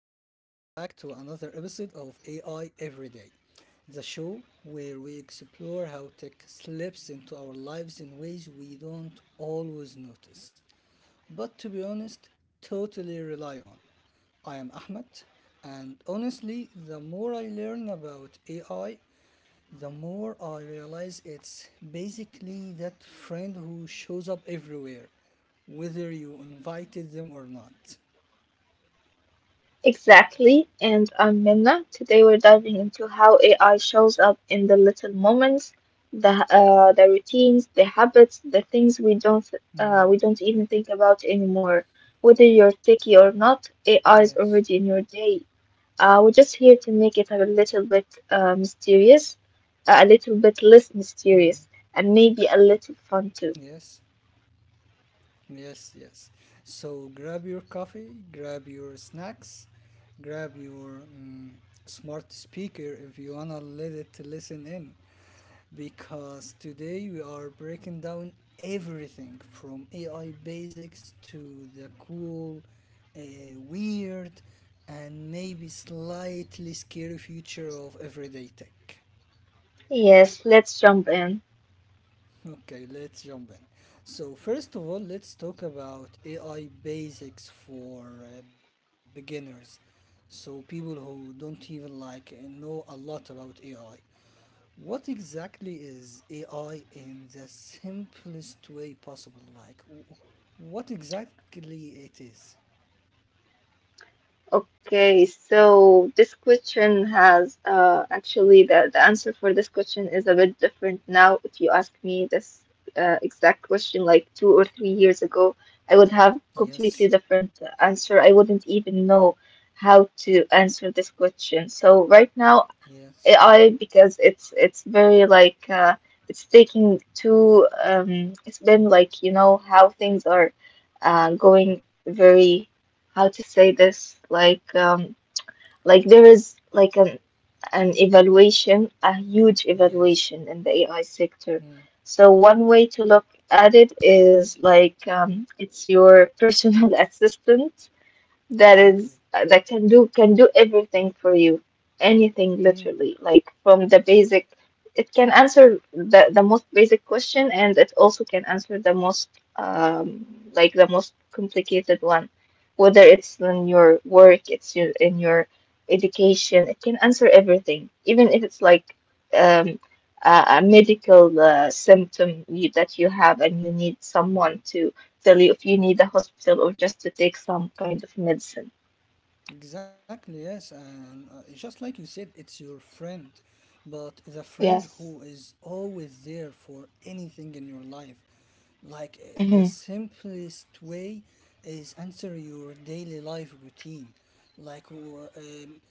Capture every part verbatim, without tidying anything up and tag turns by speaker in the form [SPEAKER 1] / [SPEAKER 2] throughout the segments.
[SPEAKER 1] back to another episode of A I Everyday, the show where we explore how tech slips into our lives in ways we don't always notice, but to be honest, totally rely on. I am Ahmed, and honestly, the more I learn about A I, the more I realize it's basically that friend who shows up everywhere, whether you invited them or not.
[SPEAKER 2] Exactly, and I'm Minna. Today we're diving into how A I shows up in the little moments, the uh, the routines, the habits, the things we don't uh,
[SPEAKER 1] Hmm.
[SPEAKER 2] we don't even think about anymore. Whether you're techie or not, A I is
[SPEAKER 1] Yes.
[SPEAKER 2] already in your day. Uh, we're just here to make it a little bit uh, mysterious, uh, a little bit less
[SPEAKER 1] Mm.
[SPEAKER 2] mysterious, and maybe a little fun too.
[SPEAKER 1] Yes. Yes, yes. So grab your coffee, grab your snacks, grab your mm, smart speaker if you wanna let it listen in. Because today we are breaking down everything from A I basics to the cool, uh, weird, and maybe slightly scary future of everyday tech.
[SPEAKER 2] Yes, let's jump in.
[SPEAKER 1] Okay, let's jump in. So, first of all, let's talk about A I basics for uh, beginners. So, people who don't even like uh, know a lot about A I. What exactly is A I in the simplest way possible? Like, w- what exactly it is?
[SPEAKER 2] Okay, so this question has uh, actually the, the answer for this question is a bit different now. If you ask me this uh, exact question like two or three years ago, I would have
[SPEAKER 1] Yes,
[SPEAKER 2] completely different answer. I wouldn't even know how to answer this question. So right now
[SPEAKER 1] yes,
[SPEAKER 2] A I because it's it's very like uh, it's taking too um, it's been like you know how things are uh, going very how to say this like um, like there is like an an evaluation, a huge
[SPEAKER 1] yes.
[SPEAKER 2] evaluation in the A I
[SPEAKER 1] Mm,
[SPEAKER 2] sector. So one way to look at it is like um, it's your personal assistant that
[SPEAKER 1] exactly.
[SPEAKER 2] is uh, that can do can do everything for you, anything,
[SPEAKER 1] Hmm.
[SPEAKER 2] literally, like from the basic, it can answer the the most basic question, and it also can answer the most um like the most complicated one, whether it's in your work, it's your, in your education. It can answer everything, even if it's like um a, a medical uh, symptom you, that you have and you need someone to hospital, if you need a hospital or just to take some kind of medicine.
[SPEAKER 1] Exactly, yes, and uh, just like you said, it's your friend, but the friend who
[SPEAKER 2] Yes.
[SPEAKER 1] is always there for anything in your life. Like uh,
[SPEAKER 2] hmm
[SPEAKER 1] the simplest way is answer your daily life routine. Like, w- um,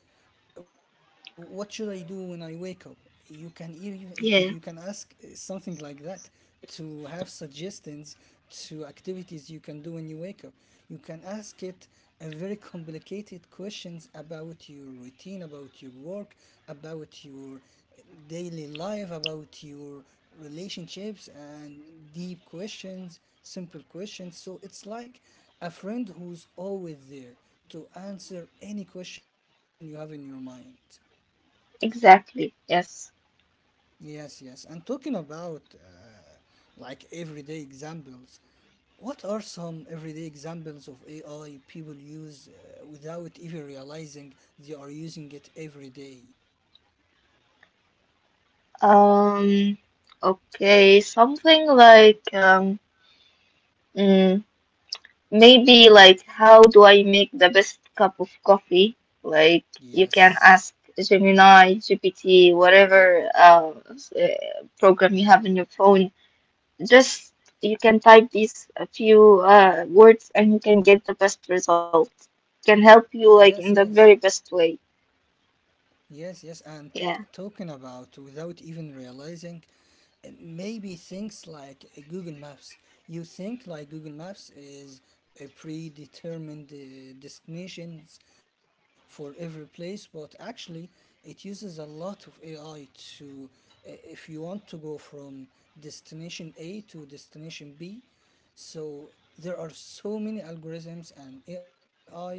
[SPEAKER 1] what should I do when I wake up? You can you, you,
[SPEAKER 2] Yeah,
[SPEAKER 1] you can ask uh, something like that to have suggestions to activities you can do when you wake up. You can ask it a very complicated questions about your routine, about your work, about your uh, daily life, about your relationships and deep questions, simple questions. So it's like a friend who's always there to answer any question you have in your mind.
[SPEAKER 2] exactly. Yes.
[SPEAKER 1] Yes, yes. And talking about uh, like everyday examples, what are some everyday examples of A I people use uh, without even realizing they are using it every day?
[SPEAKER 2] Um, okay, something like um, mm, maybe like how do I make the best cup of coffee? Like you can
[SPEAKER 1] Yes.
[SPEAKER 2] ask Gemini, G P T, whatever uh, s- uh, program you have in your phone. Just you can type these a few uh, words and you can get the best result. Can help you
[SPEAKER 1] Yes,
[SPEAKER 2] like in
[SPEAKER 1] yes.
[SPEAKER 2] the very best way.
[SPEAKER 1] Yes, yes, and t-
[SPEAKER 2] Yeah.
[SPEAKER 1] talking about without even realizing, uh, maybe things like uh, Google Maps. You think like Google Maps is a predetermined uh, destinations for every place, but actually it uses a lot of A I to, uh, if you want to go from destination A to destination B, so there are so many algorithms and A I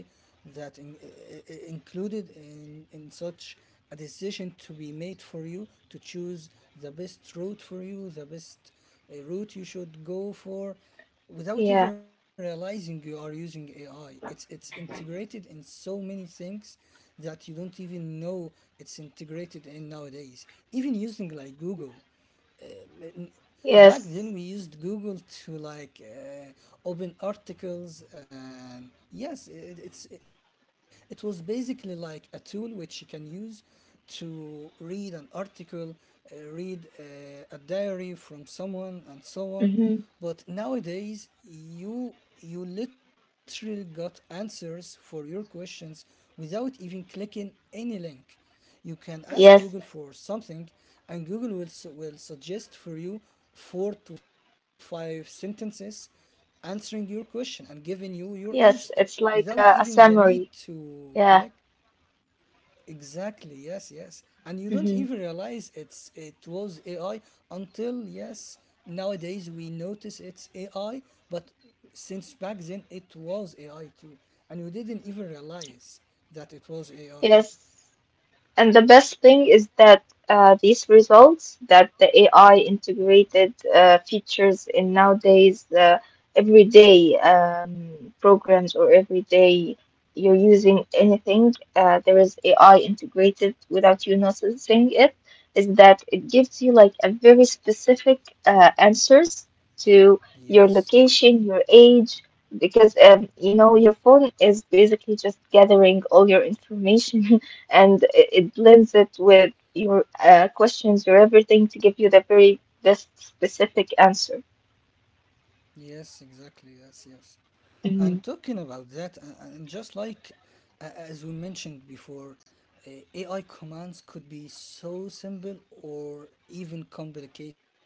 [SPEAKER 1] that in, i- i- included in, in such a decision to be made for you to choose the best route for you, the best uh, route you should go for without
[SPEAKER 2] Yeah.
[SPEAKER 1] even realizing you are using A I. It's it's integrated in so many things that you don't even know it's integrated in nowadays. Even using like Google, um, n- back
[SPEAKER 2] Yes.
[SPEAKER 1] then we used Google to like uh, open articles. Um, yes, it, it's it was basically like a tool which you can use to read an article, uh, read uh, a diary from someone, and so on.
[SPEAKER 2] hmm
[SPEAKER 1] But nowadays, you you literally got answers for your questions without even clicking any link. You can ask
[SPEAKER 2] Yes.
[SPEAKER 1] Google for something, and Google will, su- will suggest for you four to five sentences answering your question and giving you your
[SPEAKER 2] Yes.
[SPEAKER 1] answer
[SPEAKER 2] It's like
[SPEAKER 1] without
[SPEAKER 2] a, a
[SPEAKER 1] even the
[SPEAKER 2] summary.
[SPEAKER 1] need to
[SPEAKER 2] Yeah.
[SPEAKER 1] click. Exactly, yes, yes. And you don't
[SPEAKER 2] hmm
[SPEAKER 1] even realize it's it was A I until yes, nowadays we notice it's A I, but since back then it was A I too. And we didn't even realize that it was A I.
[SPEAKER 2] Yes. And the best thing is that uh, these results, that the A I integrated uh, features in nowadays uh, everyday um, programs or everyday you're using anything, uh, there is A I integrated without you noticing it, is that it gives you like a very specific uh, answers to your
[SPEAKER 1] Yes.
[SPEAKER 2] location, your age, because um, you know, your phone is basically just gathering all your information and it, it blends it with your uh, questions or everything to give you the very best specific answer.
[SPEAKER 1] Yes, exactly. Yes, yes. And
[SPEAKER 2] Hmm
[SPEAKER 1] talking about that, a- and just like a- as we mentioned before, uh, A I commands could be so simple or even complicated.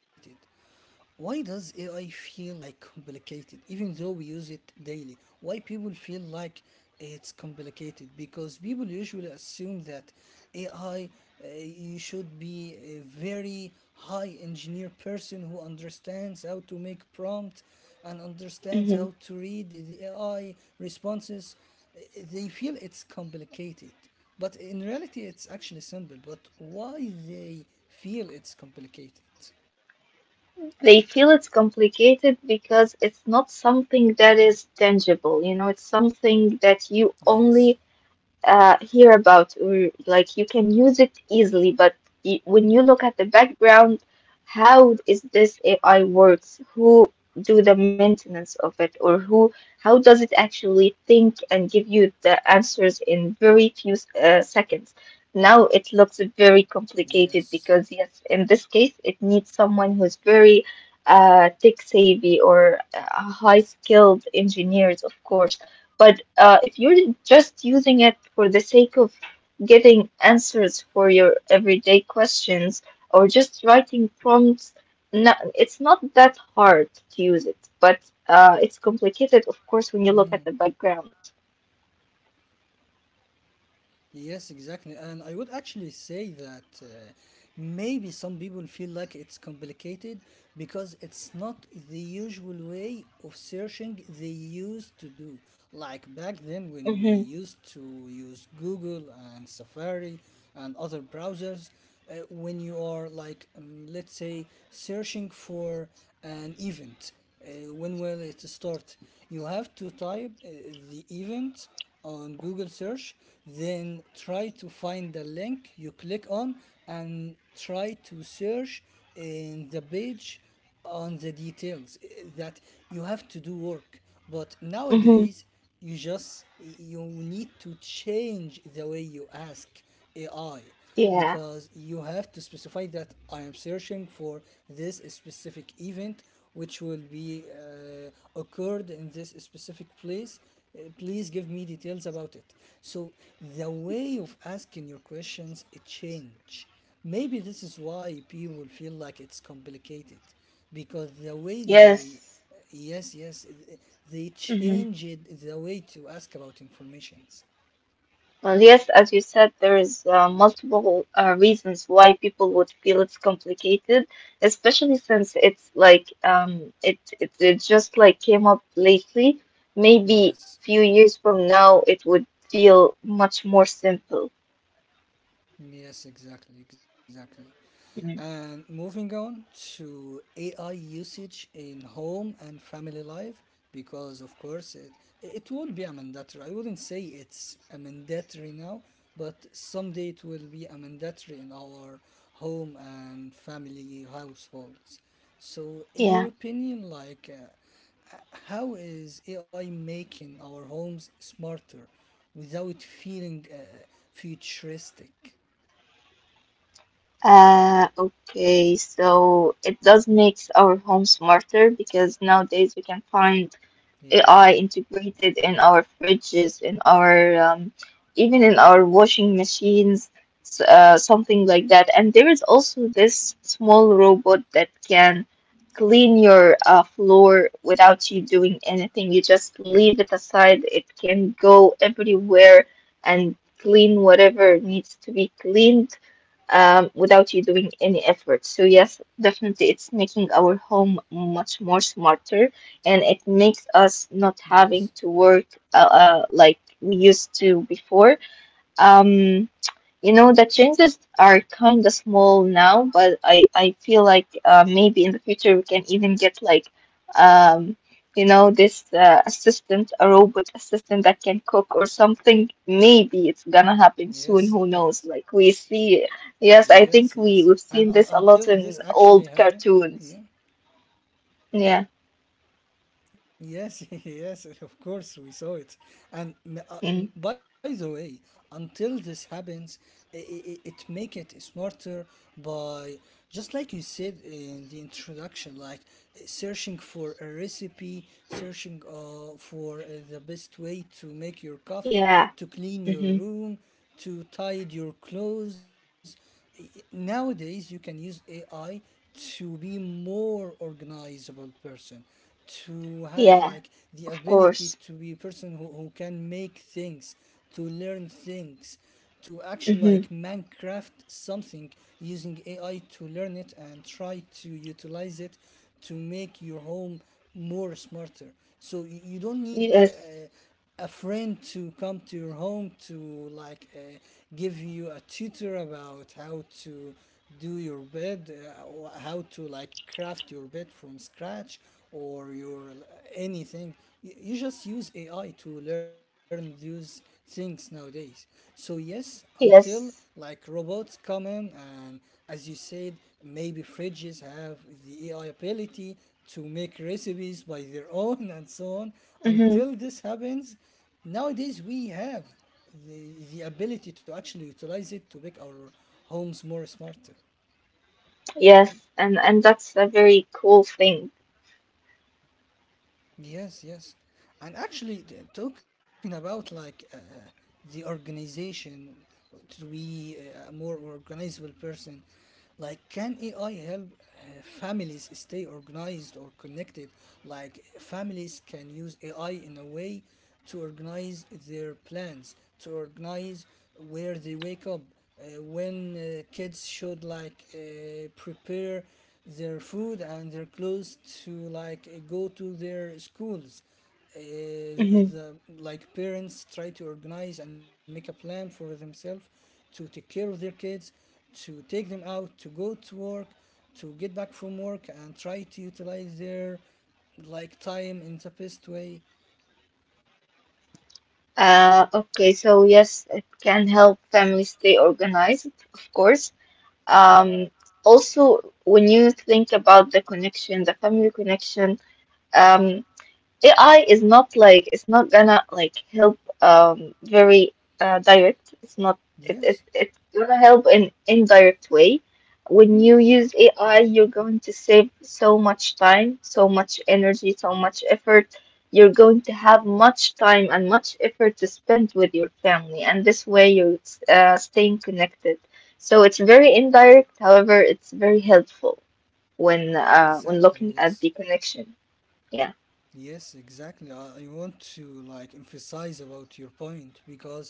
[SPEAKER 1] Why does A I feel like complicated, even though we use it daily? Why people feel like it's complicated? Because people usually assume that A I, uh, you should be a very high engineer person who understands how to make prompt and understands
[SPEAKER 2] hmm
[SPEAKER 1] how to read the A I responses. Uh, They feel it's complicated, but in reality, it's actually simple. But why they feel it's complicated?
[SPEAKER 2] They feel it's complicated because it's not something that is tangible, you know, it's something that you
[SPEAKER 1] Yes.
[SPEAKER 2] only uh, hear about, or like you can use it easily, but y when you look at the background, how is this A I works? Who do the maintenance of it, or who? How does it actually think and give you the answers in very few uh, seconds? Now it looks very complicated
[SPEAKER 1] Yes.
[SPEAKER 2] because yes, in this case, it needs someone who's very uh, tech savvy, or uh, high skilled engineers, of course, but uh, if you're just using it for the sake of getting answers for your everyday questions or just writing prompts, no, it's not that hard to use it. But uh, it's complicated, of course, when you
[SPEAKER 1] Mm.
[SPEAKER 2] look at the background.
[SPEAKER 1] Yes, exactly. And I would actually say that uh, maybe some people feel like it's complicated because it's not the usual way of searching they used to do. Like back then, when we
[SPEAKER 2] Mm-hmm.
[SPEAKER 1] used to use Google and Safari and other browsers, uh, when you are like, um, let's say, searching for an event, uh, when will it start? You have to type uh, the event on Google search, then try to find the link you click on and try to search in the page on the details eh, that you have to do work. But
[SPEAKER 2] Mm-hmm.
[SPEAKER 1] nowadays, you just you need to change the way you ask A I
[SPEAKER 2] Yeah.
[SPEAKER 1] because you have to specify that I am searching for this specific event which will be uh, occurred in this specific place. Uh, Please give me details about it. So the way of asking your questions it change. Maybe this is why people feel like it's complicated because the way they
[SPEAKER 2] Yes.
[SPEAKER 1] yes yes they
[SPEAKER 2] Mm-hmm.
[SPEAKER 1] changed the way to ask about informations.
[SPEAKER 2] Uh, yes, as you said, there is uh, multiple uh, reasons why people would feel it's complicated, especially since it's like um, it, it it just like came up lately. Maybe
[SPEAKER 1] Yes.
[SPEAKER 2] few years from now, it would feel much more simple.
[SPEAKER 1] Yes, exactly, exactly.
[SPEAKER 2] Mm.
[SPEAKER 1] And moving on to A I usage in home and family life, because of course it it will be a mandatory. I wouldn't say it's a mandatory now, but someday it will be a mandatory in our home and family households. So, in your
[SPEAKER 2] Yeah.
[SPEAKER 1] opinion, like, uh, h- how is A I making our homes smarter without feeling uh, futuristic?
[SPEAKER 2] Uh, okay, so it does makes our home smarter because nowadays we can find
[SPEAKER 1] Yes.
[SPEAKER 2] A I integrated in our fridges, in our um, even in our washing machines, s- uh, something like that. And there is also this small robot that can clean your uh, floor without you doing anything. You just leave it aside. It can go everywhere and clean whatever needs to be cleaned, um, without you doing any effort. So yes, definitely it's making our home much more smarter, and it makes us not having
[SPEAKER 1] Yes.
[SPEAKER 2] to work uh, uh, like we used to before. Um, you know, the changes are kind of small now, but I I feel like uh, maybe in the future we can even get like um you know this uh, assistant, a robot assistant that can cook or something. Maybe it's gonna happen soon. Who
[SPEAKER 1] Yes.
[SPEAKER 2] knows? Like we see, yes, I think
[SPEAKER 1] Yes. Yes.
[SPEAKER 2] we we've
[SPEAKER 1] Yes.
[SPEAKER 2] seen
[SPEAKER 1] And
[SPEAKER 2] this a
[SPEAKER 1] uh,
[SPEAKER 2] lot
[SPEAKER 1] until
[SPEAKER 2] in
[SPEAKER 1] this
[SPEAKER 2] old
[SPEAKER 1] actually happen,
[SPEAKER 2] cartoons.
[SPEAKER 1] yeah.
[SPEAKER 2] Yeah.
[SPEAKER 1] Yes, yes, of course, we saw it. And uh,
[SPEAKER 2] Mm.
[SPEAKER 1] by the way, until this happens, i- i- it make it smarter by just like you said in the introduction, like uh, searching for a recipe, searching uh, for uh, the best way to make your coffee,
[SPEAKER 2] Yeah.
[SPEAKER 1] to clean your
[SPEAKER 2] Mm-hmm.
[SPEAKER 1] room, to tidy your clothes nowadays you can use A I to be more organizable person to have like
[SPEAKER 2] Yeah.
[SPEAKER 1] the
[SPEAKER 2] Of
[SPEAKER 1] ability to
[SPEAKER 2] course.
[SPEAKER 1] be a person who, who can make things to learn things to actually like
[SPEAKER 2] Mm-hmm.
[SPEAKER 1] minecraft something using ai to learn it and try to utilize it to make your home more smarter so you you don't need
[SPEAKER 2] Yes.
[SPEAKER 1] uh, a friend to come to your home to like uh, give you a tutor about how to do your bed uh, or how to like craft your bed from scratch or your uh, anything you, you just use ai to learn those things nowadays so yes until
[SPEAKER 2] Yes.
[SPEAKER 1] like robots come in and as you said maybe fridges have the ai ability to make recipes by their own and so on.
[SPEAKER 2] Mm-hmm.
[SPEAKER 1] Until this happens, nowadays we have the, the ability to actually utilize it to make our homes more smarter.
[SPEAKER 2] Yes, and and that's a very cool thing.
[SPEAKER 1] Yes, yes. And actually, t- talking about like uh, the organization to be a more organizable person, like can A I help uh, families stay organized or connected? Like families can use A I in a way to organize their plans, to organize where they wake up, uh, when uh, kids should like uh, prepare their food and their clothes to like uh, go to their schools. Uh,
[SPEAKER 2] Hmm
[SPEAKER 1] the like parents try to organize and make a plan for themselves to take care of their kids, to take them out, to go to work, to get back from work, and try to utilize their like time in the best way.
[SPEAKER 2] Uh, okay, so yes, it can help families stay organized, of course. Um, Also, when you think about the connection, the family connection, um, A I is not like it's not gonna like help um very uh, direct. It's not it, it
[SPEAKER 1] Yes.
[SPEAKER 2] it's gonna help in indirect way. When you
[SPEAKER 1] Hmm.
[SPEAKER 2] use A I, you're going to save so much time, so much energy, so much effort. You're going to have much time and much effort to spend with your family, and this way you're uh, staying connected. So it's very indirect, however, it's very helpful when uh, when
[SPEAKER 1] Exactly.
[SPEAKER 2] looking
[SPEAKER 1] Yes.
[SPEAKER 2] at the connection. Yeah.
[SPEAKER 1] Yes, exactly. I, I want to like emphasize about your point because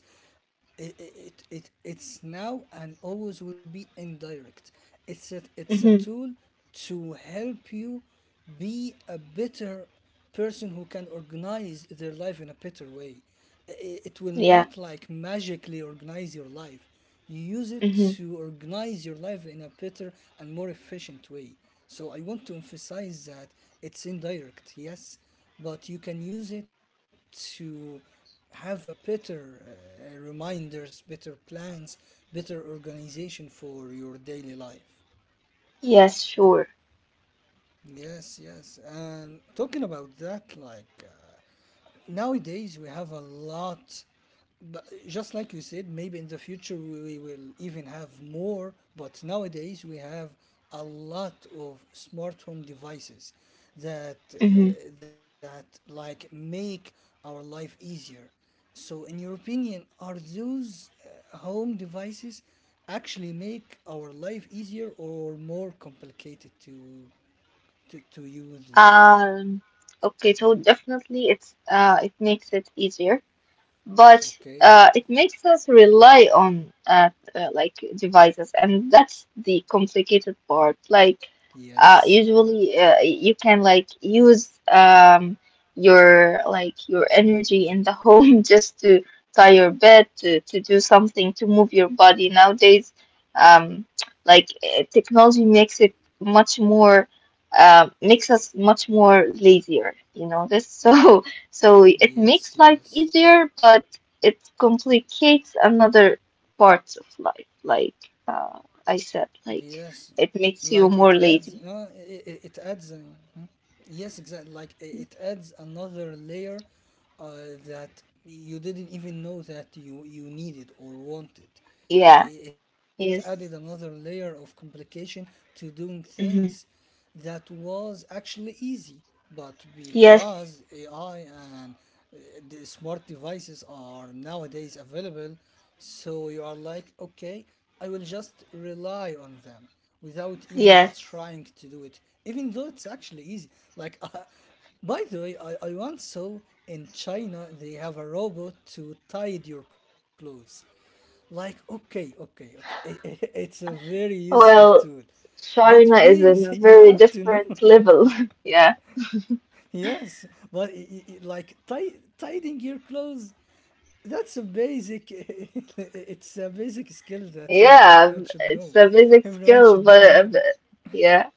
[SPEAKER 1] it, it it it's now and always will be indirect. It's a it's a tool to help you be a better person who can organize their life in a better way. I- It will
[SPEAKER 2] Yeah.
[SPEAKER 1] not like magically organize your life. You use it
[SPEAKER 2] Mm-hmm.
[SPEAKER 1] to organize your life in a better and more efficient way. So I want to emphasize that it's indirect, yes, but you can use it to have a better uh, reminders, better plans, better organization for your daily life.
[SPEAKER 2] Yes, sure.
[SPEAKER 1] Yes, yes. And talking about that, like uh, nowadays we have a lot, but just like you said, maybe in the future we, we will even have more, but nowadays we have a lot of smart home devices that uh,
[SPEAKER 2] Mm-hmm.
[SPEAKER 1] that like make our life easier. So, in your opinion, are those uh, home devices actually make our life easier or more complicated to to, to use them
[SPEAKER 2] Um, okay, so definitely it's uh it makes it easier, but uh,
[SPEAKER 1] okay
[SPEAKER 2] it makes us rely on uh, uh, like devices, and that's the complicated part. Like uh,
[SPEAKER 1] yes
[SPEAKER 2] usually, uh, you can like use um, your like your energy in the home just to tie your bed, to to do something, to move your body. Nowadays, um, like eh, technology makes it much more. Uh, makes us much more lazier, you know this. So so it makes
[SPEAKER 1] yes
[SPEAKER 2] life
[SPEAKER 1] yes
[SPEAKER 2] easier, but it complicates another parts of life. Like uh, I said, like
[SPEAKER 1] Yes,
[SPEAKER 2] it makes
[SPEAKER 1] like
[SPEAKER 2] you
[SPEAKER 1] it
[SPEAKER 2] more
[SPEAKER 1] adds,
[SPEAKER 2] lazy.
[SPEAKER 1] no, it, it, it adds. Uh, hmm? Yes, exactly. Like i- it adds another layer uh, that you didn't even know that you you needed or wanted.
[SPEAKER 2] Yeah.
[SPEAKER 1] I- i- It added
[SPEAKER 2] Yes.
[SPEAKER 1] another layer of complication to doing
[SPEAKER 2] hmm
[SPEAKER 1] things that was actually easy, but
[SPEAKER 2] Yes.
[SPEAKER 1] because A I and uh, the smart devices are nowadays available, so you are like, okay, I will just rely on them without even
[SPEAKER 2] Yes.
[SPEAKER 1] trying to do it, even though it's actually easy. Like, uh, by the way, I, I once saw in China they have a robot to tidy your clothes. Like, okay, okay, okay, it's a very useful tool,
[SPEAKER 2] Well,
[SPEAKER 1] but
[SPEAKER 2] China
[SPEAKER 1] please,
[SPEAKER 2] is in
[SPEAKER 1] you
[SPEAKER 2] a
[SPEAKER 1] have
[SPEAKER 2] very
[SPEAKER 1] to know.
[SPEAKER 2] different level. Yeah.
[SPEAKER 1] Yes, but i- i- i- like tie, tidying your clothes, that's a basic, it's a basic skill that everyone should
[SPEAKER 2] Yeah.
[SPEAKER 1] know.
[SPEAKER 2] It's a
[SPEAKER 1] Everyone
[SPEAKER 2] basic
[SPEAKER 1] should know how.
[SPEAKER 2] skill, but but- yeah.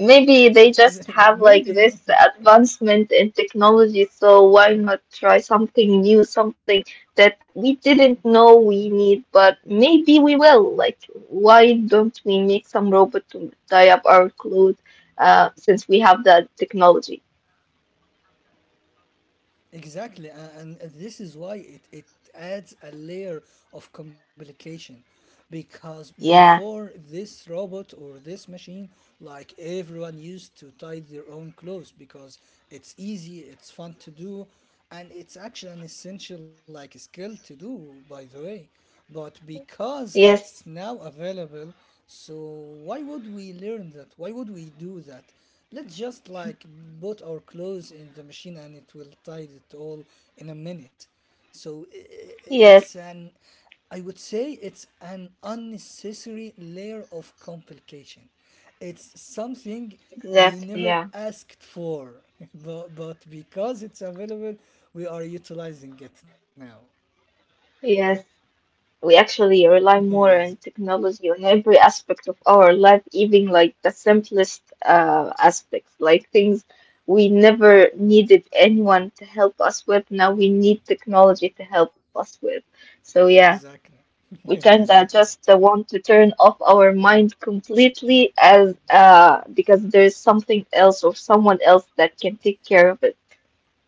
[SPEAKER 2] Maybe they just have
[SPEAKER 1] Maybe
[SPEAKER 2] like this advancement in technology, so why not try something new, something that we didn't know we need, but maybe we will. Like, why don't we make some robot to tie up our clothes, uh, since we have that technology?
[SPEAKER 1] exactly, a- and this is why it it adds a layer of complication, because
[SPEAKER 2] Yeah,
[SPEAKER 1] before this robot or this machine, like everyone used to tie their own clothes because it's easy, it's fun to do, and it's actually an essential like skill to do, by the way. But because
[SPEAKER 2] yes,
[SPEAKER 1] it's now available, so why would we learn that? Why would we do that? Let's just like put our clothes in the machine, and it will tie it all in a minute. So i- i-
[SPEAKER 2] Yes,
[SPEAKER 1] it's an, I would say it's an unnecessary layer of complication. It's something we
[SPEAKER 2] exactly.
[SPEAKER 1] never
[SPEAKER 2] Yeah.
[SPEAKER 1] asked for, but, but because it's available, we are utilizing it now.
[SPEAKER 2] Yes. We actually rely more
[SPEAKER 1] Yes,
[SPEAKER 2] on technology on every aspect of our life, even like the simplest uh, aspects, like things we never needed anyone to help us with. Now we need technology to help us with. So yeah,
[SPEAKER 1] exactly.
[SPEAKER 2] we kind of
[SPEAKER 1] Exactly.
[SPEAKER 2] just uh, want to turn off our mind completely as uh because there's something else or someone else that can take care of it.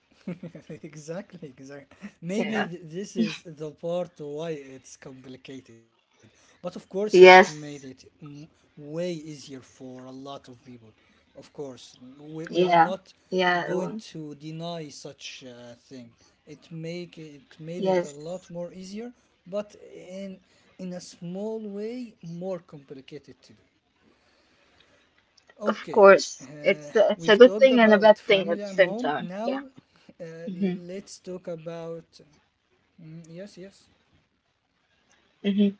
[SPEAKER 1] Exactly, exactly.
[SPEAKER 2] Yeah.
[SPEAKER 1] Maybe th- this is the part why it's complicated. But of course, it made it
[SPEAKER 2] Yes.
[SPEAKER 1] mm, way easier for a lot of people. Of course, mm, we, we are
[SPEAKER 2] Yeah.
[SPEAKER 1] not
[SPEAKER 2] Yeah.
[SPEAKER 1] going
[SPEAKER 2] Well,
[SPEAKER 1] to deny such a thing. It make, it made it a
[SPEAKER 2] yes.
[SPEAKER 1] lot more easier, but in in a small way, more complicated to do.
[SPEAKER 2] Of
[SPEAKER 1] Okay,
[SPEAKER 2] course,
[SPEAKER 1] uh,
[SPEAKER 2] it's a, it's a
[SPEAKER 1] we've
[SPEAKER 2] good
[SPEAKER 1] talked
[SPEAKER 2] thing and a
[SPEAKER 1] about
[SPEAKER 2] bad thing
[SPEAKER 1] family
[SPEAKER 2] at
[SPEAKER 1] and
[SPEAKER 2] the same
[SPEAKER 1] home.
[SPEAKER 2] time.
[SPEAKER 1] Now,
[SPEAKER 2] Yeah.
[SPEAKER 1] uh,
[SPEAKER 2] Mm-hmm.
[SPEAKER 1] let's talk about. Mm, yes, yes.
[SPEAKER 2] Mm-hmm.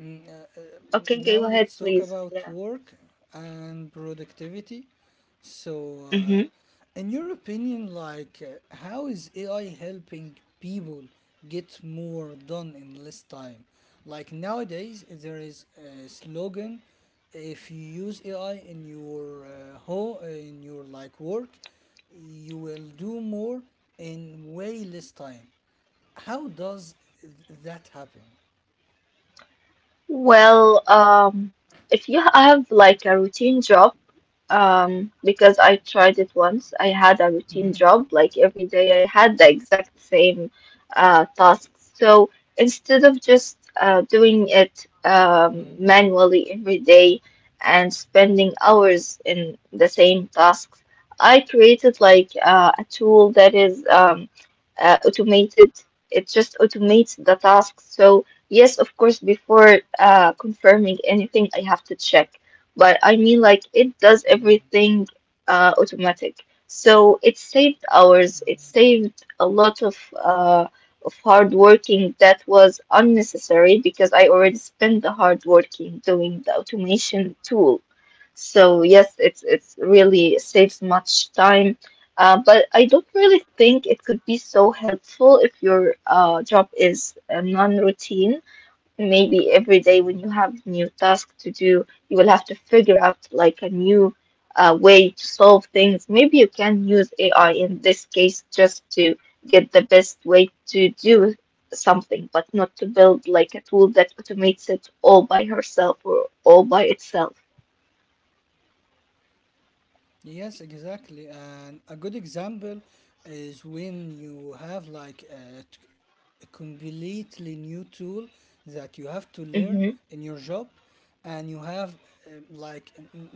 [SPEAKER 1] Mm, uh, uh,
[SPEAKER 2] Okay,
[SPEAKER 1] now
[SPEAKER 2] go
[SPEAKER 1] let's
[SPEAKER 2] ahead,
[SPEAKER 1] talk
[SPEAKER 2] please.
[SPEAKER 1] about
[SPEAKER 2] Yeah.
[SPEAKER 1] work and productivity. So, uh,
[SPEAKER 2] Mm-hmm.
[SPEAKER 1] in your opinion, like, uh, how is A I helping people get more done in less time? Like nowadays, there is a slogan: if you use A I in your uh, home, in your like work, you will do more in way less time. How does th- that happen?
[SPEAKER 2] Well, um, if you have like a routine job, um, because I tried it once, I had a routine job, like every day I had the exact same uh, tasks. So instead of just uh, doing it um, manually every day and spending hours in the same tasks, I created like uh, a tool that is um, uh, automated. It just automates the tasks. So yes, of course, before uh confirming anything, I have to check. But I mean, like it does
[SPEAKER 1] Mm, mm.
[SPEAKER 2] everything uh automatic. So it saved hours. It saved a lot of uh of hard working that was unnecessary because I already spent the hard working doing the automation tool. So yes, it's it's really saves much time. Uh, but I don't really think it could be so helpful if your uh, job is uh, non-routine. Maybe every day when you have new tasks to do, you will have to figure out like a new uh, way to solve things. Maybe you can use A I in this case just to get the best way to do something, but not to build like a tool that automates it all by herself or all by itself.
[SPEAKER 1] Yes, exactly. And a good example is when you have like a, t- a completely new tool that you have to learn in
[SPEAKER 2] Mm-hmm.
[SPEAKER 1] your job, and you have um, like m- m-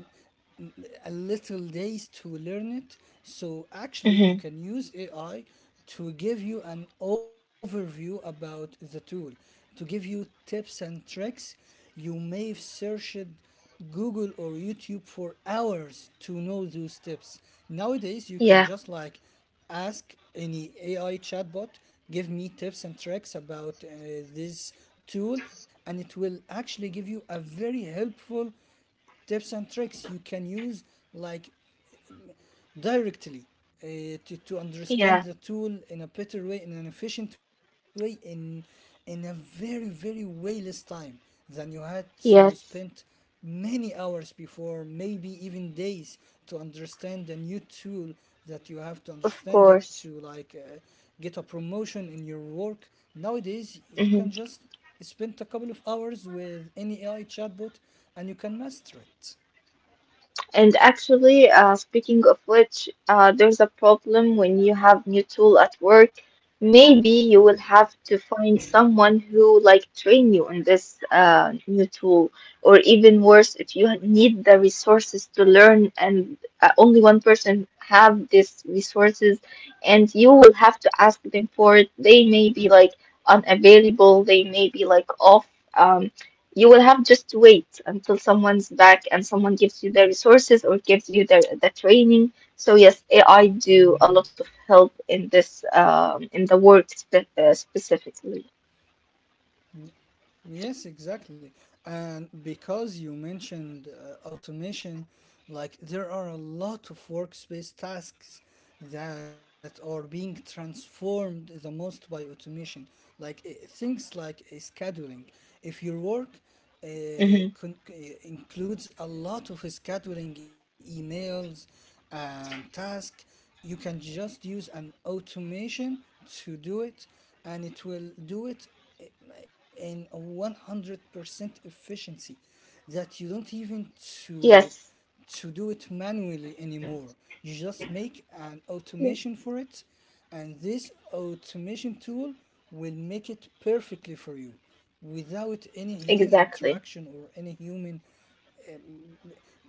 [SPEAKER 1] m- a little days to learn it. So actually, you
[SPEAKER 2] Mm-hmm.
[SPEAKER 1] can use A I to give you an overview about the tool, to give you tips and tricks. You may have searched Google or YouTube for hours to know those tips. Nowadays, you can
[SPEAKER 2] Yeah.
[SPEAKER 1] just like ask any A I chatbot, give me tips and tricks about uh, this tool, and it will actually give you a very helpful tips and tricks you can use like directly, uh, to, to
[SPEAKER 2] Yeah.
[SPEAKER 1] understand the tool in a better way, in an efficient way, in in a very very way less time than you had to spend
[SPEAKER 2] Yes.
[SPEAKER 1] many hours before, maybe even days, to understand a new tool that you have to
[SPEAKER 2] Of
[SPEAKER 1] understand it
[SPEAKER 2] course.
[SPEAKER 1] to like, uh, get a promotion in your work. Nowadays you
[SPEAKER 2] Mm-hmm.
[SPEAKER 1] can just spend a couple of hours with any AI chatbot and you can master it.
[SPEAKER 2] And actually, uh, speaking of which, uh, there's a problem when you have new tool at work. Maybe you will have to find someone who like train you on this uh, new tool, or even worse, if you need the resources to learn, and uh, only one person have these resources, and you will have to ask them for it. They may be like unavailable. They may be like off. Um, you will have just to wait until someone's back and someone gives you the resources or gives you the, the training. So yes, A I do a lot of help in this um, in the work spe uh, specifically.
[SPEAKER 1] Yes, exactly. And because you mentioned uh, automation, like there are a lot of workspace tasks that are being transformed the most by automation, like uh, things like uh, scheduling.
[SPEAKER 2] Hmm
[SPEAKER 1] If your work uh, con- uh, includes a lot of scheduling emails and tasks. You can just use an automation to do it, and it will do it i- in a one hundred percent efficiency that you don't even
[SPEAKER 2] Yes,
[SPEAKER 1] to to do it manually anymore. You just make an
[SPEAKER 2] Yes.
[SPEAKER 1] automation for it, and this automation tool will make it perfectly for you without any human
[SPEAKER 2] exactly.
[SPEAKER 1] interaction or any human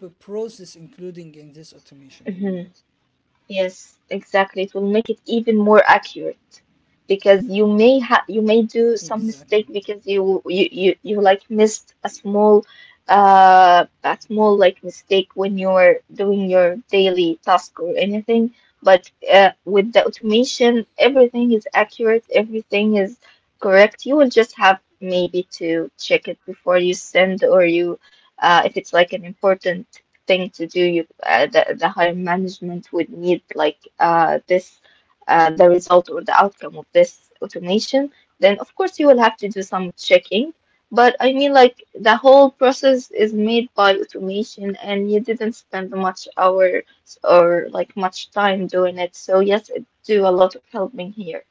[SPEAKER 1] p- process including in this automation
[SPEAKER 2] Mhm.
[SPEAKER 1] anymore.
[SPEAKER 2] Yes, exactly. It will make it even more accurate because you may ha you may do some
[SPEAKER 1] Exactly.
[SPEAKER 2] mistake because you you you, you like missed a small uh a small like mistake when you're doing your daily task or anything. But uh, with the automation, everything is accurate, everything is correct. You will just have maybe to check it before you send or you uh, if it's like an important thing to do. You, uh, the, the higher management would need like uh, this, uh, the result or the outcome of this automation. Then of course you will have to do some checking. But I mean, like the whole process is made by automation, and you didn't spend much hours or like much time doing it. So yes, it do a lot of helping here.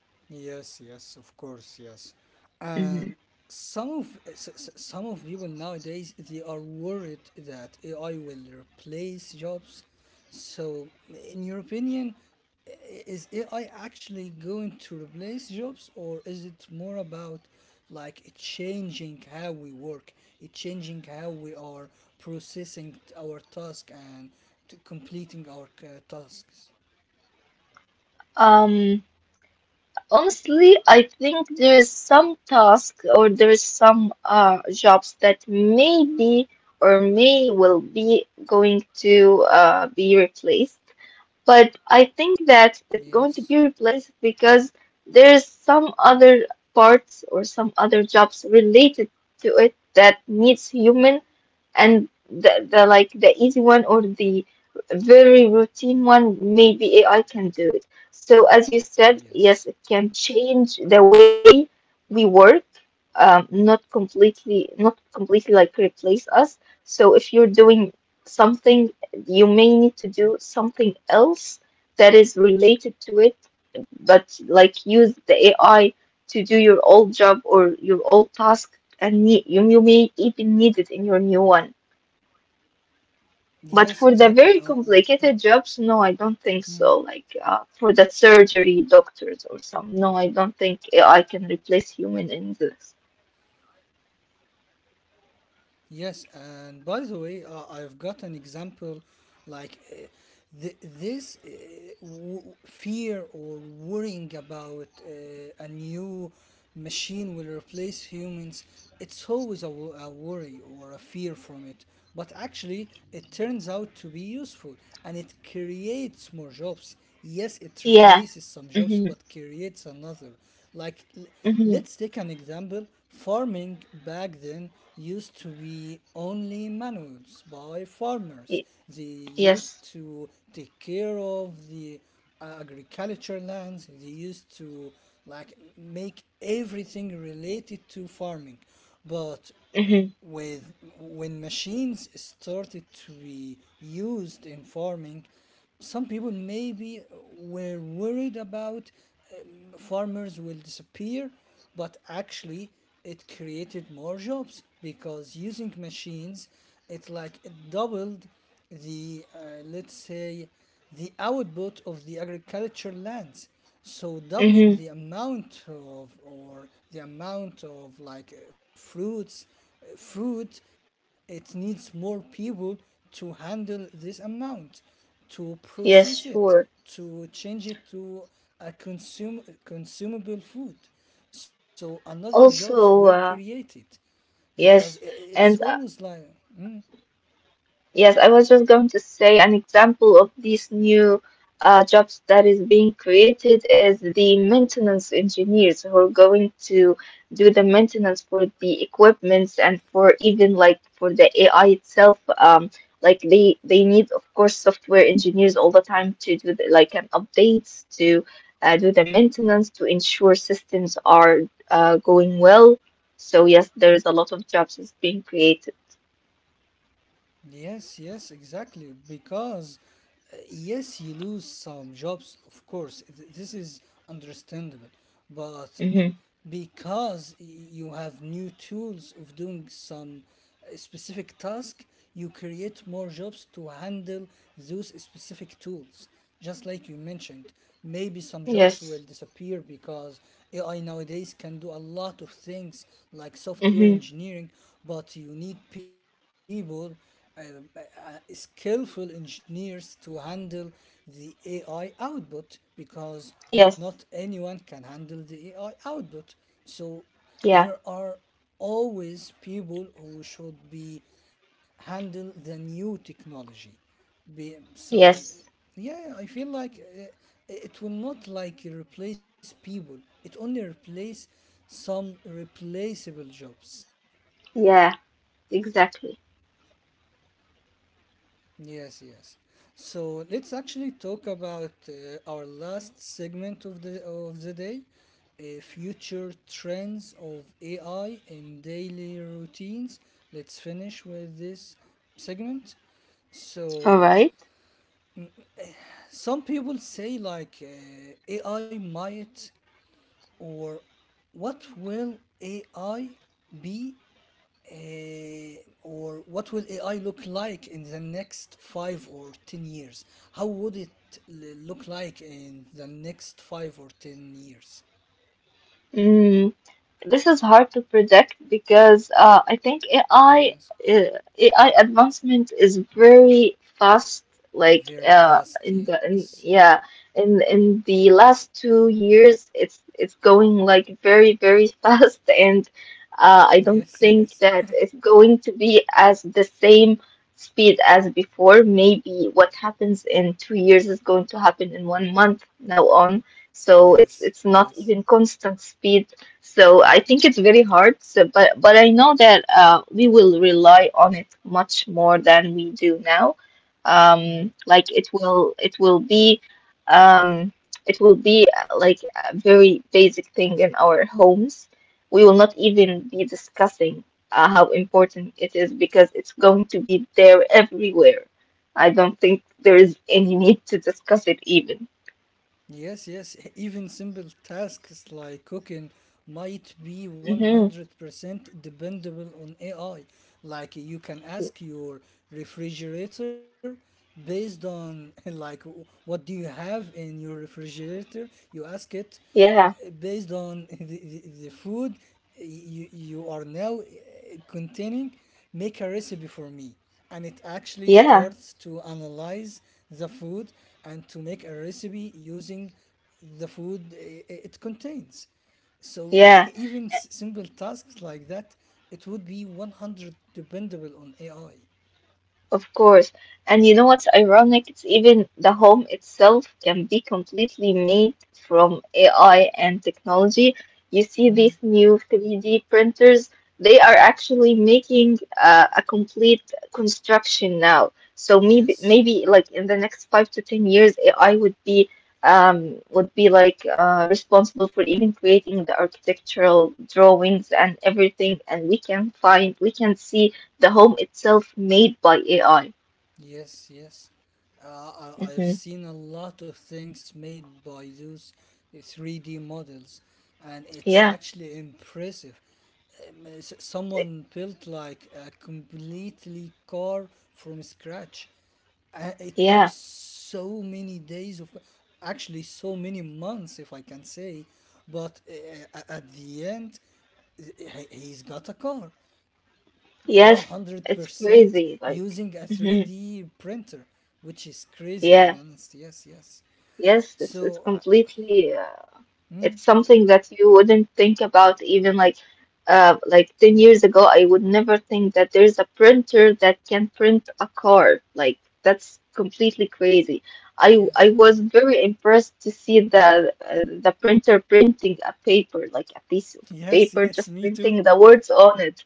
[SPEAKER 1] Yes, yes, of course, yes. And
[SPEAKER 2] Hmm.
[SPEAKER 1] some of s- s- some of people nowadays they are worried that A I will replace jobs. So, in your opinion, i- is A I actually going to replace jobs, or is it more about like it changing how we work, it changing how we are processing our task and t- completing our uh, tasks?
[SPEAKER 2] Um. Honestly, I think there is some task or there is some uh, jobs that maybe or may will be going to uh, be replaced. But I think that it's going
[SPEAKER 1] Yes.
[SPEAKER 2] to be replaced because there is some other parts or some other jobs related to it that needs human, and the, the like the easy one or the very routine one maybe A I can do it. So as you said, yes, it
[SPEAKER 1] Yes.
[SPEAKER 2] can change the way we work, um, not completely not completely like replace us. So if you're doing something, you may need to do something else that is related to it, but like use the A I to do your old job or your old task. And ne- you, you may even need it in your new one. But for
[SPEAKER 1] Yes,
[SPEAKER 2] the very
[SPEAKER 1] exactly. Uh,
[SPEAKER 2] complicated
[SPEAKER 1] um,
[SPEAKER 2] jobs, no, I don't think so.
[SPEAKER 1] mm,
[SPEAKER 2] Like uh, for the surgery doctors or some, no, I don't think I can replace human in this.
[SPEAKER 1] yes, and by the way, uh, I've got an example like uh, th- this uh, w- fear or worrying about uh, a new machine will replace humans. It's always a, wo- a worry or a fear from it, but actually, it turns out to be useful, and it creates more jobs. Yes, it
[SPEAKER 2] Yeah.
[SPEAKER 1] replaces some jobs
[SPEAKER 2] Mhm.
[SPEAKER 1] but creates another. Like, l-
[SPEAKER 2] Mhm.
[SPEAKER 1] let's take an example. Farming back then used to be only manuals by farmers.
[SPEAKER 2] Y-
[SPEAKER 1] They used
[SPEAKER 2] yes.
[SPEAKER 1] to take care of the uh, agriculture lands. They used to like make everything related to farming. But
[SPEAKER 2] Mhm.
[SPEAKER 1] with when machines started to be used in farming, some people maybe were worried about um, farmers will disappear, but actually it created more jobs because using machines, it like, it doubled the uh, let's say the output of the agriculture lands. So doubling
[SPEAKER 2] Mhm.
[SPEAKER 1] the amount of, or the amount of like uh, fruits, uh, fruit, it needs more people to handle this amount, to process it,
[SPEAKER 2] Yes, sure.
[SPEAKER 1] to change it to a consume consumable food. So another jobs were
[SPEAKER 2] Also, uh,
[SPEAKER 1] created because i- i-
[SPEAKER 2] yes,
[SPEAKER 1] it's
[SPEAKER 2] and
[SPEAKER 1] always
[SPEAKER 2] uh,
[SPEAKER 1] like. Hmm,
[SPEAKER 2] yes, I was just going to say an example of these new uh, jobs that is being created is the maintenance engineers who are going to do the maintenance for the equipments and for even like for the A I itself. Um, like they they need of course software engineers all the time to do the, like an updates to uh, do the maintenance to ensure systems are uh, going well. So yes, there's a lot of jobs is being created.
[SPEAKER 1] yes, yes, exactly. Because uh, yes, you lose some jobs, of course. Th- This is understandable. But
[SPEAKER 2] Hmm.
[SPEAKER 1] because y- you have new tools of doing some uh, specific task, you create more jobs to handle those specific tools. Just like you mentioned, maybe some jobs
[SPEAKER 2] Yes.
[SPEAKER 1] will disappear because A I nowadays can do a lot of things like
[SPEAKER 2] Hmm.
[SPEAKER 1] software engineering, but you need people, uh, uh, skillful engineers to handle the A I output, because
[SPEAKER 2] Yes.
[SPEAKER 1] not anyone can handle the A I output. So
[SPEAKER 2] Yeah.
[SPEAKER 1] there are always people who should be handle the new technology be, so
[SPEAKER 2] Yes.
[SPEAKER 1] yeah, yeah, I feel like uh, it will not like replace people. It only replace some replaceable jobs.
[SPEAKER 2] Yeah. Exactly.
[SPEAKER 1] Yes, yes. So let's actually talk about uh, our last segment of the of the day, uh, future trends of A I in daily routines. Let's finish with this segment.
[SPEAKER 2] All
[SPEAKER 1] So some people say like uh, A I might or what will A I be uh, or what will A I look like in the next five or ten years? How would it l- look like in the next five or ten years?
[SPEAKER 2] right. This is hard to predict because uh, I think
[SPEAKER 1] Yes,
[SPEAKER 2] AI uh, AI advancement is very fast. Like
[SPEAKER 1] very
[SPEAKER 2] uh, in
[SPEAKER 1] fast.
[SPEAKER 2] the in,
[SPEAKER 1] Yes,
[SPEAKER 2] yeah in in the last two years, it's it's going like very very fast, and uh, I don't
[SPEAKER 1] yes, yes,
[SPEAKER 2] think that it's going to be as the same speed as before. Maybe what happens in two years is going to happen in one month now on. So it's
[SPEAKER 1] yes,
[SPEAKER 2] it's not
[SPEAKER 1] yes.
[SPEAKER 2] even constant speed, so I think it's very hard. So, but but I know that uh, we will rely on it much more than we do now. Um,
[SPEAKER 1] Hmm.
[SPEAKER 2] like it will it will be um, it will be uh, like a very basic thing in our homes. We will not even be discussing uh, how important it is because it's going to be there everywhere. I don't think there is any need to discuss it even.
[SPEAKER 1] Yes, yes, even simple tasks like cooking might be
[SPEAKER 2] Hmm.
[SPEAKER 1] one hundred percent dependable on A I. Like you can ask your refrigerator based on like w- what do you have in your refrigerator? You ask it
[SPEAKER 2] Yeah,
[SPEAKER 1] based on the, the, the food you, you are now uh, containing, make a recipe for me. And it actually
[SPEAKER 2] yeah,
[SPEAKER 1] starts to analyze the food and to make a recipe using the food i- i- it contains. So e-
[SPEAKER 2] yeah.
[SPEAKER 1] even s- simple tasks like that, it would be one hundred dependable on A I.
[SPEAKER 2] Of course. And you know what's ironic? It's even the home itself can be completely made from A I and technology. You see these
[SPEAKER 1] Mm,
[SPEAKER 2] new three D printers, they are actually making uh, a complete construction now. So maybe
[SPEAKER 1] yes.
[SPEAKER 2] maybe like in the next five to ten years, A I would be um would be like uh, responsible for even creating the architectural drawings and everything, and we can find we can see the home itself made by A I.
[SPEAKER 1] Yes, yes. Uh, I,
[SPEAKER 2] Hmm.
[SPEAKER 1] I've seen a lot of things made by those three D models, and it's
[SPEAKER 2] Yeah.
[SPEAKER 1] actually impressive. Um, uh, s- someone built like a completely car from scratch. Uh, it took
[SPEAKER 2] Yeah.
[SPEAKER 1] so many days, of actually so many months, if I can say. But uh, a- at the end, he- he's got a car
[SPEAKER 2] Yes. It's
[SPEAKER 1] one hundred percent
[SPEAKER 2] crazy. Like,
[SPEAKER 1] using a
[SPEAKER 2] hmm.
[SPEAKER 1] three D printer, which is crazy to
[SPEAKER 2] Yeah.
[SPEAKER 1] be honest. Yes, yes.
[SPEAKER 2] Yes. It's it's
[SPEAKER 1] So, uh,
[SPEAKER 2] completely. Uh,
[SPEAKER 1] hmm,
[SPEAKER 2] It's something that you wouldn't think about even like uh like ten years ago. I would never think that there's a printer that can print a card. Like that's completely crazy. I I
[SPEAKER 1] yes.
[SPEAKER 2] was very impressed to see the uh, the printer printing a paper, like a piece of
[SPEAKER 1] Yes,
[SPEAKER 2] paper, just
[SPEAKER 1] yes, me
[SPEAKER 2] printing
[SPEAKER 1] too.
[SPEAKER 2] the words on it.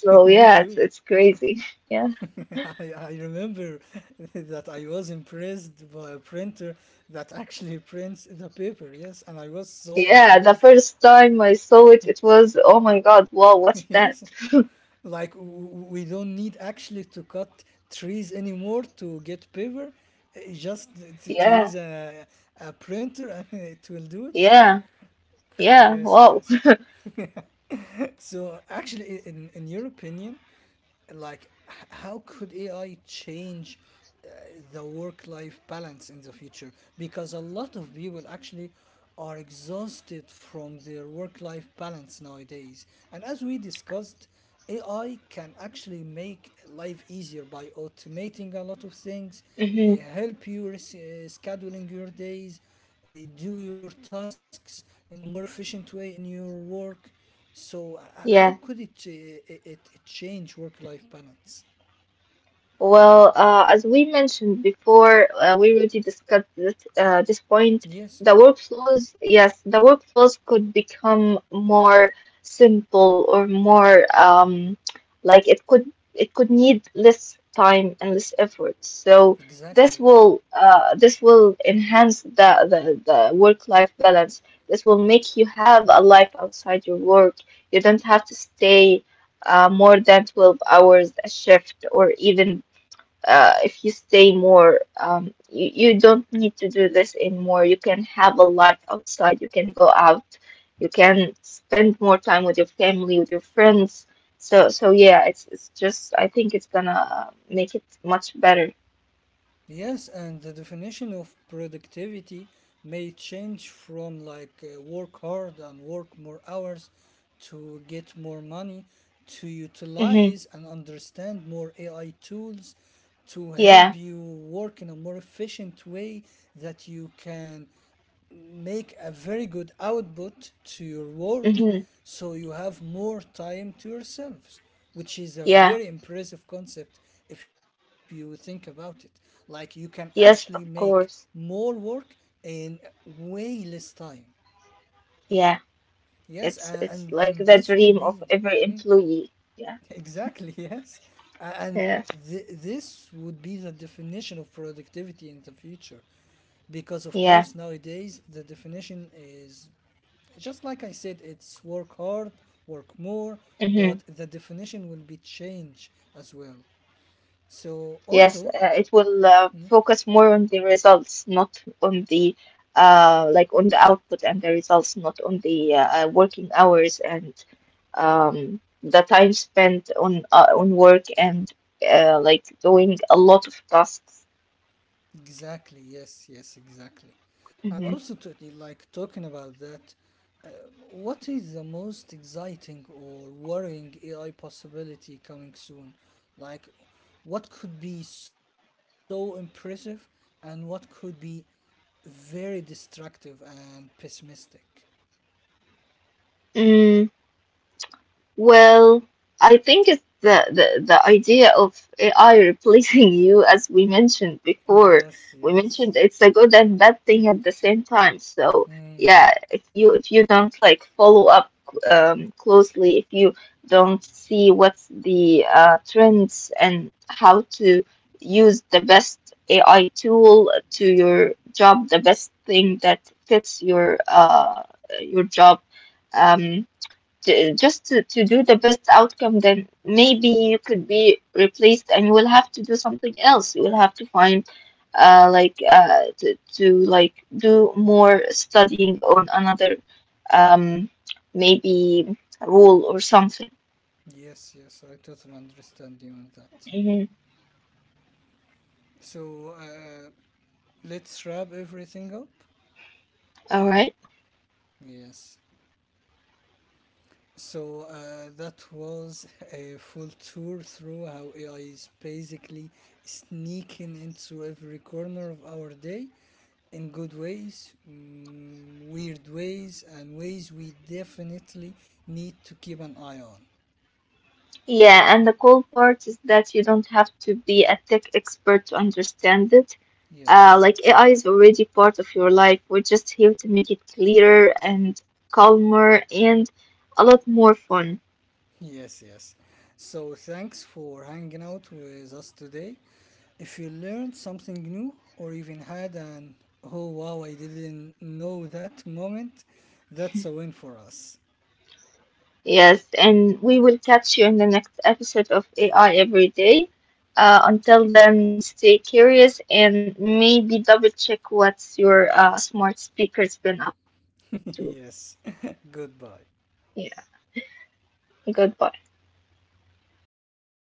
[SPEAKER 2] So
[SPEAKER 1] Me
[SPEAKER 2] yeah, it's
[SPEAKER 1] too.
[SPEAKER 2] it's crazy. Yeah.
[SPEAKER 1] I, I remember that I was impressed by a printer that actually prints the paper, yes, and I was so
[SPEAKER 2] Yeah, the
[SPEAKER 1] impressed.
[SPEAKER 2] first time I saw it, it was, oh my God, wow, what's that?
[SPEAKER 1] Yes, like w- we don't need actually to cut trees anymore to get paper, uh, just to, to
[SPEAKER 2] Yeah,
[SPEAKER 1] use a, a printer and it will do it.
[SPEAKER 2] yeah, yeah,
[SPEAKER 1] Yes,
[SPEAKER 2] wow.
[SPEAKER 1] yes. So actually, i- in, in your opinion, like h- how could A I change uh, the work-life balance in the future? Because a lot of people actually are exhausted from their work-life balance nowadays. And as we discussed, A I can actually make life easier by automating a lot of things, uh,
[SPEAKER 2] Mm-hmm.
[SPEAKER 1] help you res- uh, scheduling your days, uh, do your tasks in a more efficient way in your work. So uh, uh, how
[SPEAKER 2] Yeah.
[SPEAKER 1] could it uh, it, it change work-life balance?
[SPEAKER 2] Well, uh, as we mentioned before, uh, we already discussed this, uh, this point.
[SPEAKER 1] Yes,
[SPEAKER 2] The workflows, yes, the workflows could become more simple or more um, like it could it could need less time and less effort. So this
[SPEAKER 1] exactly. Yes,
[SPEAKER 2] will uh, this will enhance the, the, the work-life balance. This will make you have a life outside your work. You don't have to stay uh, more than twelve hours a shift, or even uh, if you stay more, um, you, you don't need to do this anymore. You can have a life outside. You can go out. You can spend more time with your family, with your friends. So, so yeah, it's it's just I think it's gonna uh, make it much better.
[SPEAKER 1] yes, and the definition of productivity may change from like uh, work hard and work more hours to get more money, to
[SPEAKER 2] Mm-hmm.
[SPEAKER 1] utilize and understand more A I tools to
[SPEAKER 2] Yeah.
[SPEAKER 1] help you work in a more efficient way, that you can make a very good output to your work,
[SPEAKER 2] Mm-hmm.
[SPEAKER 1] so you have more time to yourselves, which is a
[SPEAKER 2] Yeah.
[SPEAKER 1] very impressive concept if you think about it. Like you can actually
[SPEAKER 2] Yes,
[SPEAKER 1] make
[SPEAKER 2] of course.
[SPEAKER 1] more work in way less time.
[SPEAKER 2] Yeah.
[SPEAKER 1] Yes
[SPEAKER 2] It's
[SPEAKER 1] a-
[SPEAKER 2] it's
[SPEAKER 1] and
[SPEAKER 2] like
[SPEAKER 1] and
[SPEAKER 2] the
[SPEAKER 1] this would
[SPEAKER 2] dream
[SPEAKER 1] be
[SPEAKER 2] of every
[SPEAKER 1] hmm,
[SPEAKER 2] employee. Yeah.
[SPEAKER 1] exactly, yes. A- and
[SPEAKER 2] Yeah.
[SPEAKER 1] th- this would be the definition of productivity in the future, because of
[SPEAKER 2] Yeah.
[SPEAKER 1] course nowadays the definition is just like I said, it's work hard, work more,
[SPEAKER 2] Mm-hmm.
[SPEAKER 1] but the definition will be changed as well. So
[SPEAKER 2] Yes,
[SPEAKER 1] also,
[SPEAKER 2] uh, it will uh,
[SPEAKER 1] hmm,
[SPEAKER 2] focus more on the results, not on the uh, like on the output and the results, not on the uh, uh, working hours and um, the time spent on uh, on work and uh, like doing a lot of tasks.
[SPEAKER 1] exactly, yes, yes, exactly. And
[SPEAKER 2] Mhm.
[SPEAKER 1] also, to, like talking about that, uh, what is the most exciting or worrying A I possibility coming soon? Like, what could be so impressive and what could be very destructive and pessimistic?
[SPEAKER 2] Mm, well, I think it's the, the, the idea of A I replacing you, as we mentioned before.
[SPEAKER 1] Yes,
[SPEAKER 2] We
[SPEAKER 1] yes.
[SPEAKER 2] mentioned it's a good and bad thing at the same time. So
[SPEAKER 1] Mm,
[SPEAKER 2] yeah, if you if you don't like follow up um, closely, if you don't see what's the uh, trends and how to use the best A I tool to your job, the best thing that fits your uh, your job. Um, j- just to, to do the best outcome, then maybe you could be replaced and you will have to do something else. You will have to find uh like uh to, to like do more studying on another um maybe role or something.
[SPEAKER 1] yes, yes, I totally understand you on that.
[SPEAKER 2] Mm-hmm.
[SPEAKER 1] So uh, let's wrap everything up.
[SPEAKER 2] All right.
[SPEAKER 1] Yes. So uh, that was a full tour through how A I is basically sneaking into every corner of our day in good ways, mm, weird ways, and ways we definitely need to keep an eye on.
[SPEAKER 2] Yeah, and the cool part is that you don't have to be a tech expert to understand it. Uh,
[SPEAKER 1] Yes.
[SPEAKER 2] like A I is already part of your life. We're just here to make it clearer and calmer and a lot more fun.
[SPEAKER 1] Yes, yes. So thanks for hanging out with us today. If you learned something new or even had an oh wow, I didn't know that moment, that's a win for us.
[SPEAKER 2] Yes, and we will catch you in the next episode of A I Every Day. Uh, until then, stay curious and maybe double check what's your uh, smart speaker's been up to.
[SPEAKER 1] Yes, goodbye.
[SPEAKER 2] Yeah, goodbye.